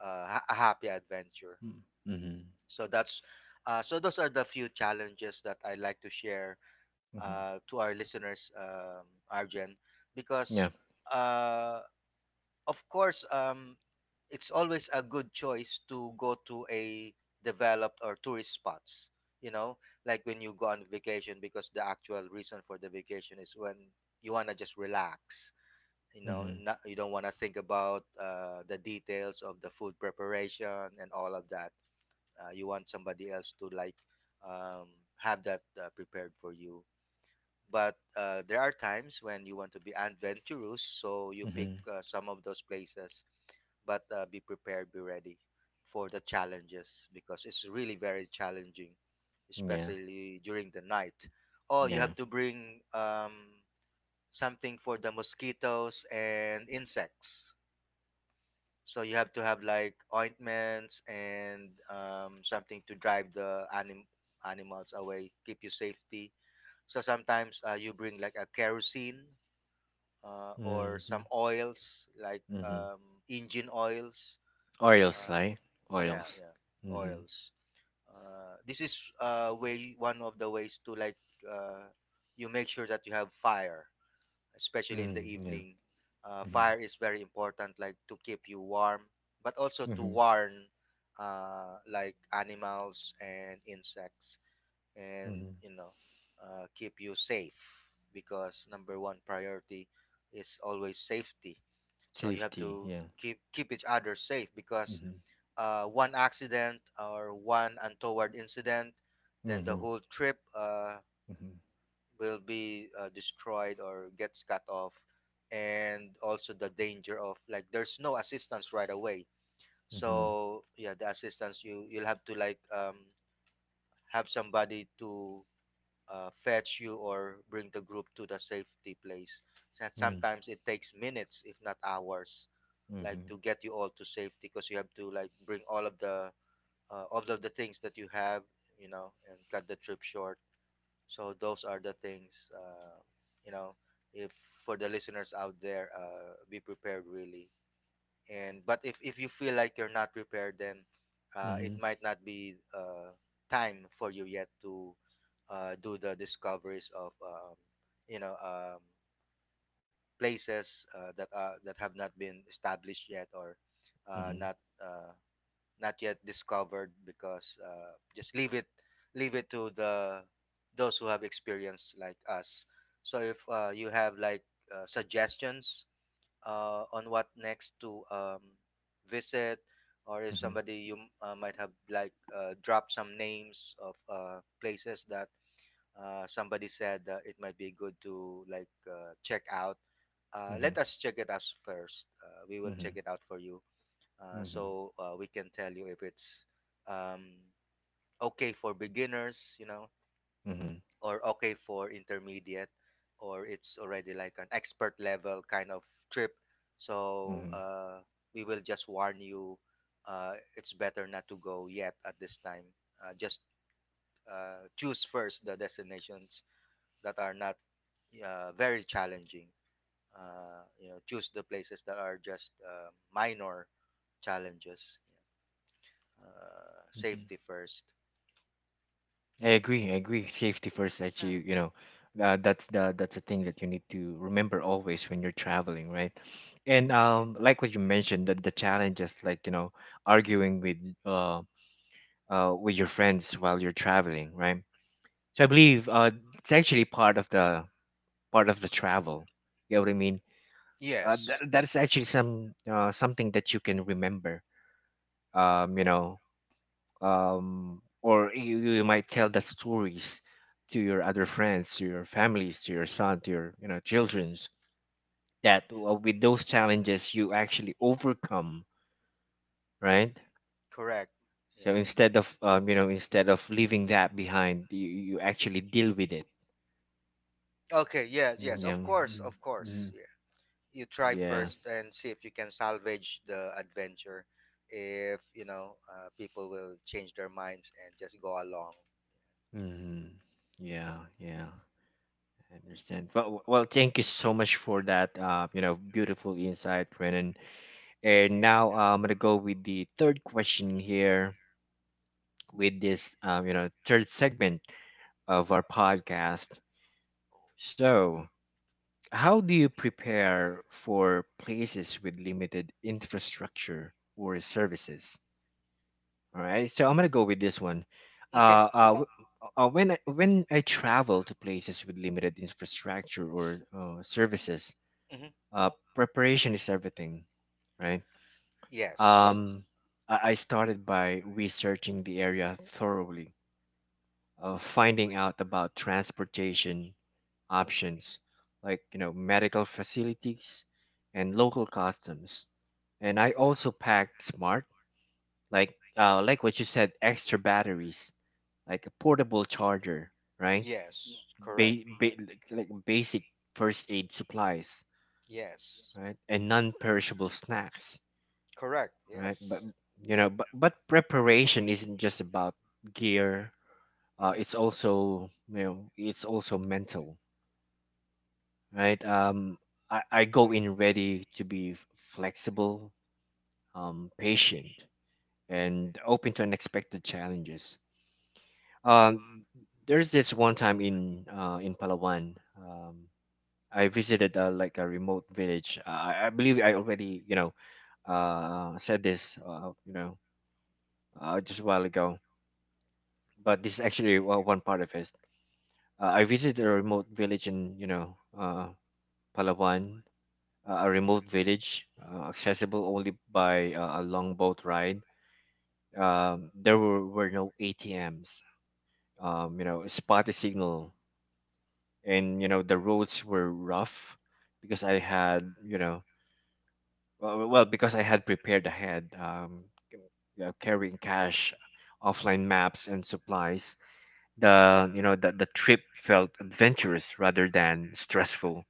uh, ha- a happy adventure. Mm-hmm. Mm-hmm. So that's, so those are the few challenges that I like to share, Mm-hmm. To our listeners, Arjen, because, Yeah. uh, of course, it's always a good choice to go to a developed or tourist spots. You know, like when you go on vacation, because the actual reason for the vacation is when you wanna just relax. You know, Mm-hmm. not, you don't wanna think about, the details of the food preparation and all of that. You want somebody else to, like, um, have that, prepared for you. But, there are times when you want to be adventurous, so you pick, Mm-hmm. Some of those places, but, be prepared, be ready for the challenges because it's really very challenging, Yeah. especially during the night. Oh, you Yeah. have to bring, something for the mosquitoes and insects. So you have to have, like, ointments, and, something to drive the, animals away, keep you safety. So sometimes, you bring like a kerosene, or Mm-hmm. some oils like, Mm-hmm. Engine oils. Oreos, Uh, right? yeah, Oreos. yeah, Mm-hmm. oils. This is, way one of the ways to, like, uh, you make sure that you have fire, especially in the Mm, yeah. evening. Mm-hmm. Fire is very important, like to keep you warm, but also to Mm-hmm. warn, like animals and insects, and, Mm-hmm. you know, keep you safe because number one priority is always safety. So you have Safety. to Yeah. keep each other safe, because, Mhm, one accident or one untoward incident, then the mhm, whole trip, mhm, will be, destroyed or gets cut off, and also the danger of, like, there's no assistance right away. mhm, So yeah, the assistance, you'll have to, like, have somebody to, fetch you or bring the group to the safety place. So mm, sometimes it takes minutes, if not hours, like to mhm, get you all to safety, because you have to, like, bring all of the things that you have, you know, and cut the trip short. So those are the things, you know, if for the listeners out there, be prepared, really. And but if you feel like you're not prepared, then, it mhm, might not be, time for you yet to, do the discoveries of, you know um, places, that have not been established yet, or, mhm, not. Uh, Not yet discovered, because, just leave it to the those who have experience like us. So if, you have, like, suggestions, on what next to, visit, or if mhm, somebody you might have, like, dropped some names of, places that, somebody said, it might be good to, like, check out. Mhm, Let us check it out first, we will check mhm, it out for you, uh, mhm, so uh, we can tell you if it's, um, okay for beginners, you know, mhm, or okay for intermediate, or it's already like an expert level kind of trip. So, mhm, we will just warn you, it's better not to go yet at this time, just, choose first the destinations that are not, very challenging, choose the places that are just, minor challenges. Yeah, mhm. safety first. I agree. I agree. Safety first. Uh, Actually, you know, that's the thing that you need to remember always when you're traveling, right? And like what you mentioned, that the challenges, like arguing um with your friends while you're traveling, right? So I believe it's actually part of the travel. You know what I mean? That Yes, that is actually some something that you can remember. Um, you know, or you might tell the stories to your other friends, to your families, to your son, to your childrens. That with those challenges you actually overcome, right? correct. So Yeah. mhm. instead of instead of leaving that behind, you actually deal with it. Okay. Yes. Yes. Yeah. Of course. Of Mm-hmm. course. Yeah. You try Yeah. first and see if you can salvage the adventure, if you know, people will change their minds and just go along. hmm Yeah. Yeah. I understand. Well, thank you so much for that. You know, beautiful insight, Renan. And now I'm gonna go with the third question here with this, third segment of our podcast. So, how do you prepare for places with limited infrastructure or services? All right, so I'm gonna go with this one. Okay. Uh, uh, w- when when I travel to places with limited infrastructure or services, Hmm. Preparation is everything, right? Yes. Um, I started by researching the area thoroughly, finding out about transportation options, like medical facilities and local customs. And I also packed smart, like what you said, extra batteries like a portable charger, right? Yes. Correct. Ba- ba- like basic first aid supplies, Yes. right? And non-perishable snacks, Correct. right? But Yes. but preparation isn't just about gear. It's Hmm. also it's also mental, right? I go in ready to be flexible, patient, and open to unexpected challenges. Um, there's this one time in Palawan. I visited like a remote village. I believe I already, you know, said this, just a while ago. But this is actually one part of it. I visited a remote village in, Palawan, a remote village accessible only by a long boat ride. Were no ATMs, spotty signal, and the roads were rough because I had, you know, well, because I had prepared ahead, carrying cash, offline maps, and supplies. The you know the trip felt adventurous rather than stressful.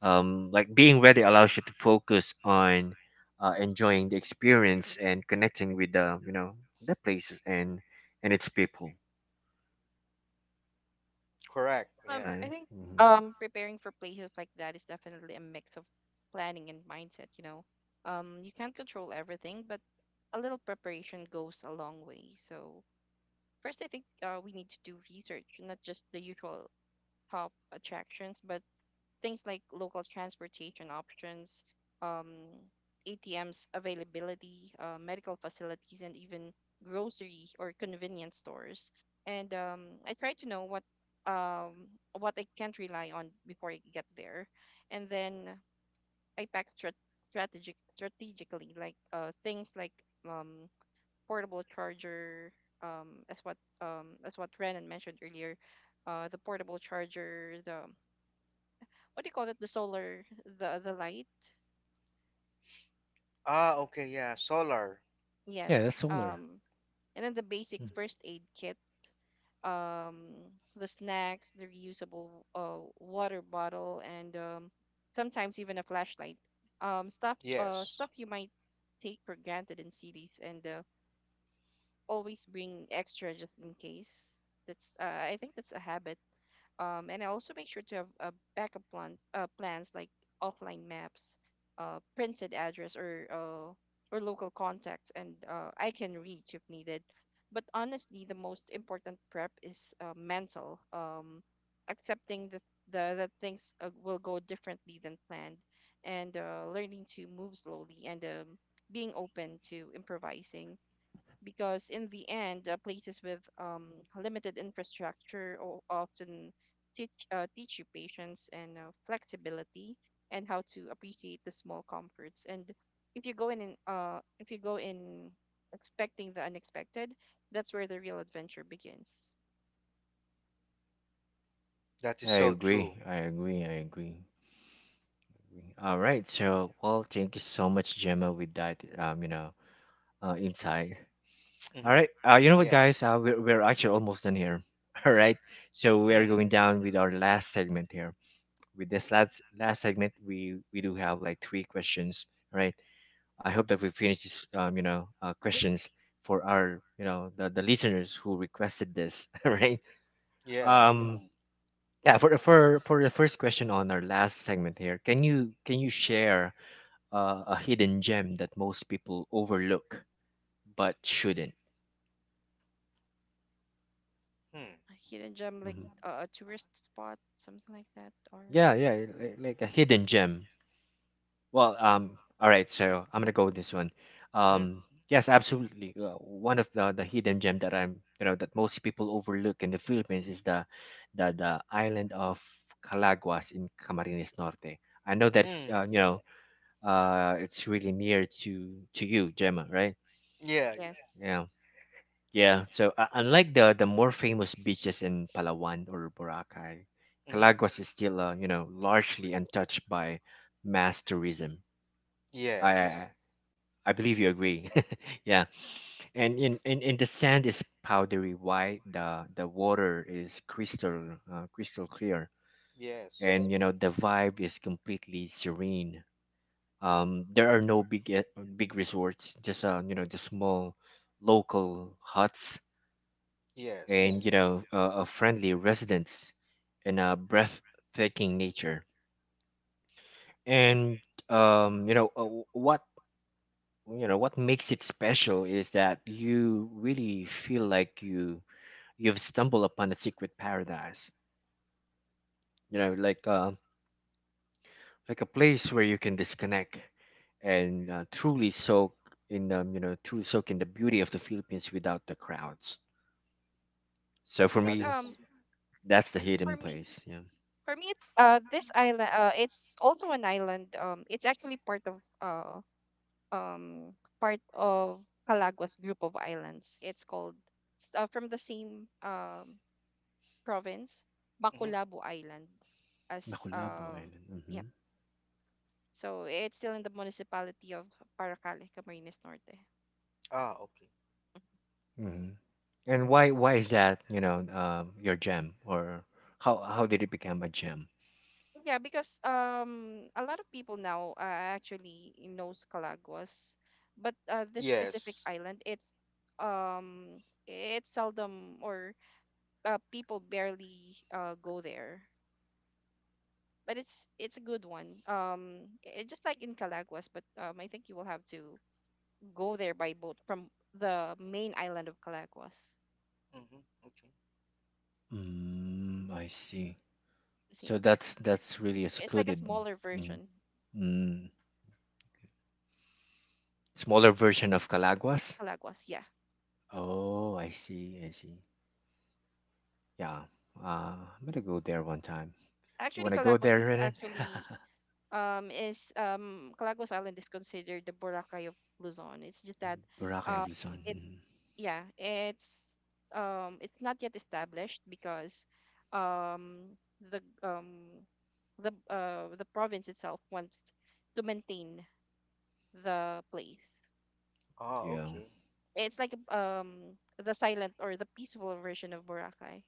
Like being ready allows you to focus on enjoying the experience and connecting with the you know the places and its people. Correct. Yeah. I Right? think hmm preparing for places like that is definitely a mix of planning and mindset, you know. You can't control everything, but a little preparation goes a long way. So first, I think we need to do research, not just the usual top attractions, but things like local transportation options, um, ATMs availability, medical facilities, and even grocery or convenience stores. And I try to know what um, I can't rely on before I get there, and then I strategic strategically, like things like um, portable charger. That's what Renan mentioned earlier the portable charger, the what do you call it the solar the light Ah. Okay. Yeah. Solar. Yeah, that's yes solar. And then the basic Mm. first aid kit um the snacks the reusable water bottle and sometimes even a flashlight Yes. stuff you might take for granted in cities and always bring extra just in case that's I think that's a habit. And I also make sure to have a backup plans like offline maps, printed address, or local contacts, and I can reach if needed. But honestly, the most important prep is mental. Accepting the that things will go differently than planned, and learning to move slowly and being open to improvising because in the end, places with limited infrastructure often teach you patience and flexibility and how to appreciate the small comforts. And if you go in if you go in expecting the unexpected, that's where the real adventure begins. That is I so true. agree. I agree. I agree. agree. All right. Thank you so much, Gemma, with that. Inside. All Hmm. right. You know what, Yes. guys? We're actually almost done here. *laughs* All right. So we are Hmm. going down with our last segment here. With this last segment, we do have like three questions. All right. I hope that we finish this, questions for our, you know, the listeners who requested this. *laughs* All right. Yeah. Um. Yeah. For the first question on our last segment here, can you share a hidden gem that most people overlook but shouldn't? Hmm. A hidden gem, like a tourist spot, something like that, or Yeah, yeah, like a hidden gem. Well, all right, so I'm gonna go with this one. Hmm. Um, yes, absolutely. One of the hidden gem that I'm, you know, that most people overlook in the Philippines is the island of Calaguas in Camarines Norte. I know that's, Mm. You yes, know, it's really near to you, Gemma, right? Yeah. yes. Yeah. Yeah, so unlike the more famous beaches in Palawan or Boracay, Mm-hmm. Calaguas is still, you know, largely untouched by mass tourism. I Yes. I I believe you agree. *laughs* Yeah, and in the sand is powdery white. The water is crystal clear, Yes. and the vibe is completely serene. There are no big resorts, just just small local huts Yes. and a friendly residence and a breathtaking nature and what what makes it special is that you really feel like you've stumbled upon a secret paradise, you know, like a place where you can disconnect and truly soak in truly soak in the beauty of the Philippines without the crowds. So for I That think me, is. That's the hidden for me place. Yeah. For me, it's this island. It's also an island. It's actually part of Calaguas group of islands. It's called from the same province, Mm-hmm. Macolabo Island, as Macolabo Island. Mm-hmm. yeah. So it's still in the municipality of Paracale, Camarines Norte. Ah, okay. Mm-hmm. And why is that, you know, your gem? Or how did it become a gem? Yeah, because a lot of people now actually knows Calagos, but this specific Yes. island um it's seldom or people barely go there. But it's a good one. I- just like in Calaguas, but I think you will have to go there by boat from the main island of Calaguas. Mm-hmm. Okay. Mm, I see. So Same. That's really a It's like a secluded, smaller mm, version. mm, smaller version of Calaguas. Calaguas, yeah. Oh, I see, I see. Yeah. I'm gonna go there one time. You Actually, wanna go Calaguas there, is Renan? *laughs* actually is Calagos Island is considered the Boracay of Luzon. It's just that Boracay of uh Luzon. it Mm. yeah, it's not yet established because um the um the province itself wants to maintain the place. Ah, Yeah. okay. It's like the silent or the peaceful version of Boracay.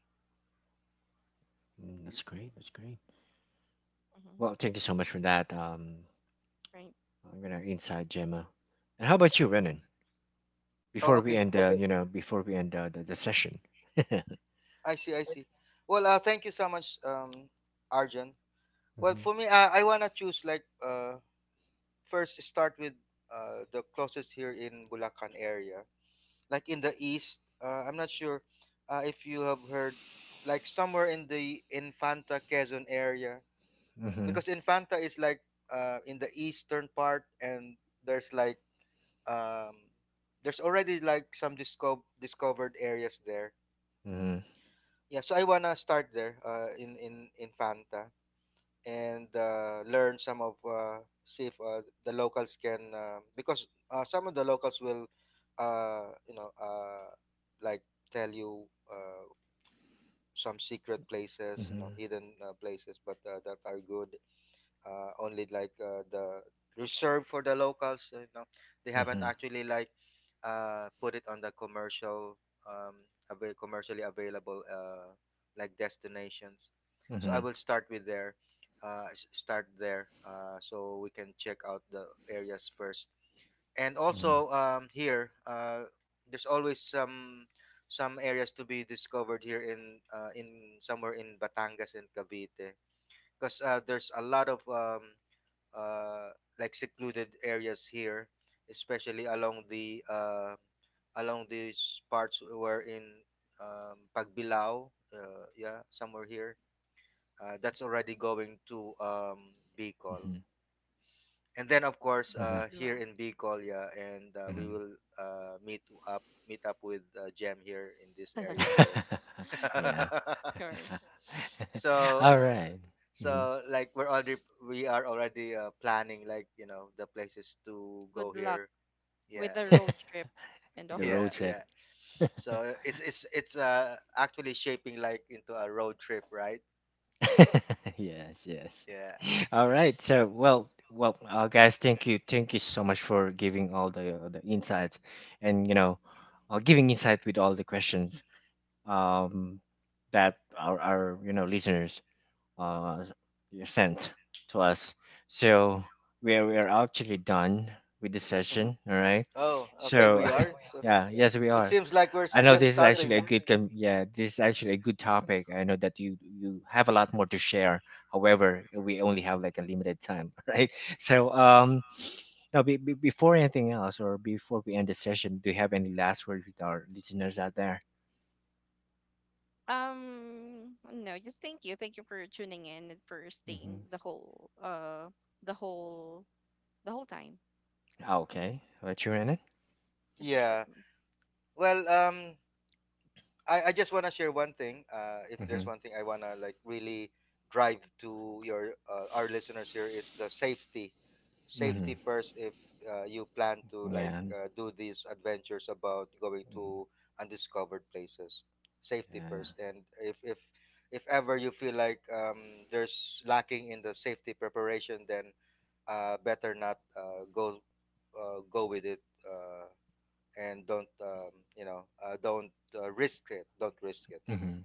Mm, that's great, that's great. Hmm. Well, thank you so much for that. Right. I'm gonna inside Gemma. And how about you, Renan? Oh, Before we okay. end before we end the session. I see. I see. Well, thank you so much, Arjun. Well, Mhm. for me, I wanna choose, like, first start with, the closest here in Bulacan area, like in the east. I'm not sure, if you have heard, like somewhere in the Infanta Quezon area, Mhm. because Infanta is like, in the eastern part, and there's like, um, there's already like some discovered areas there. Mhm. Yeah, so I wanna start there, in Infanta, and, learn some of see if, the locals can, because, some of the locals will, uh, you know uh, like tell you, some secret places, you know, Mhm. hidden, places, but, that are good, only, like, the reserved for the locals, you know they haven't Mhm. actually, like, put it on the commercial, um, commercially available, like destinations. So I Mhm. will start with there, start there, so we can check out the areas first. And Mhm. also, here, there's always some areas to be discovered here in, somewhere in Batangas and Cavite, because, there's a lot of, uh, like secluded areas here, especially along the along these parts where in, Pagbilao, yeah, somewhere here. That's already going to, Bicol, Mhm. and then, of course, Mhm. Like here Mindanao. in Bicol, yeah, and, we Mhm. will, uh, meet meet up with, Jam here in this area *laughs* here. *laughs* *laughs* Yeah. Sure. *laughs* So All it's, right. Mhm. so, like, we are already, planning, like, you know, the places to Good go luck here, with yeah. the road trip and *laughs* *laughs* The all. Yeah, road trip. yeah. *laughs* So it's actually shaping, like, into a road trip, right? Yes. Yes. Yeah. *laughs* All right. So well, guys, thank you so much for giving all the insights, and you know, giving insight with all the questions um, that our you know listeners uh, sent to us. So we are actually done with the Hmm. session. All right. Oh, okay, So we are *laughs* so yeah, yes, we it are. seems like we're I know just this is actually starting. a yeah, this is actually a good topic. I know that you have a lot more to share. However, we only have like a limited time, *laughs* right? So now before anything else or before we end the session, do you have any last words with our listeners out there? No, just thank you. Thank you for tuning in and for staying the whole the whole time. Okay, but Yep, you're in it. just a short Yeah, one. well, I just want to share one thing. If Mm-hmm. there's one thing I want to, like, really drive to, your our listeners here, is the safety. Mm-hmm. Safety first, if, you plan to, like, Yeah. Do these adventures about going Mhm. to undiscovered places. Safety Yeah. first, and if ever you feel like, there's lacking in the safety preparation, then, better not, go with it. Uh, and don't you know don't risk it, don't risk it. hmm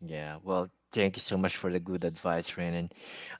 Yeah, well, thank you so much for the good advice, Renan.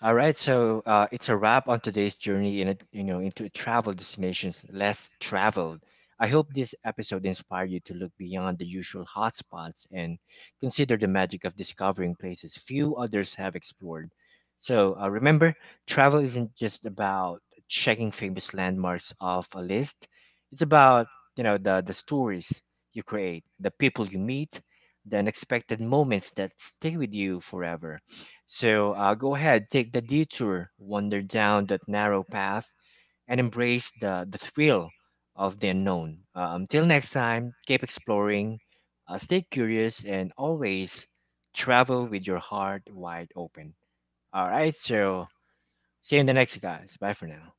All right, so it's a wrap on today's journey in a, you know, into travel destinations less traveled. I hope this episode inspired you to look beyond the usual hotspots and consider the magic of discovering places few others have explored. So remember, travel isn't just about checking famous landmarks off a list. It's about the stories you create, the people you meet, the unexpected moments that stay with you forever. So go ahead, take the detour, wander down that narrow path, and embrace the thrill of the unknown. Until next time, keep exploring, stay curious, and always travel with your heart wide open. All right, so see you in the next, guys. Bye for now.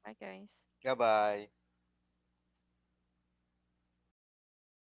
Bye guys. Goodbye.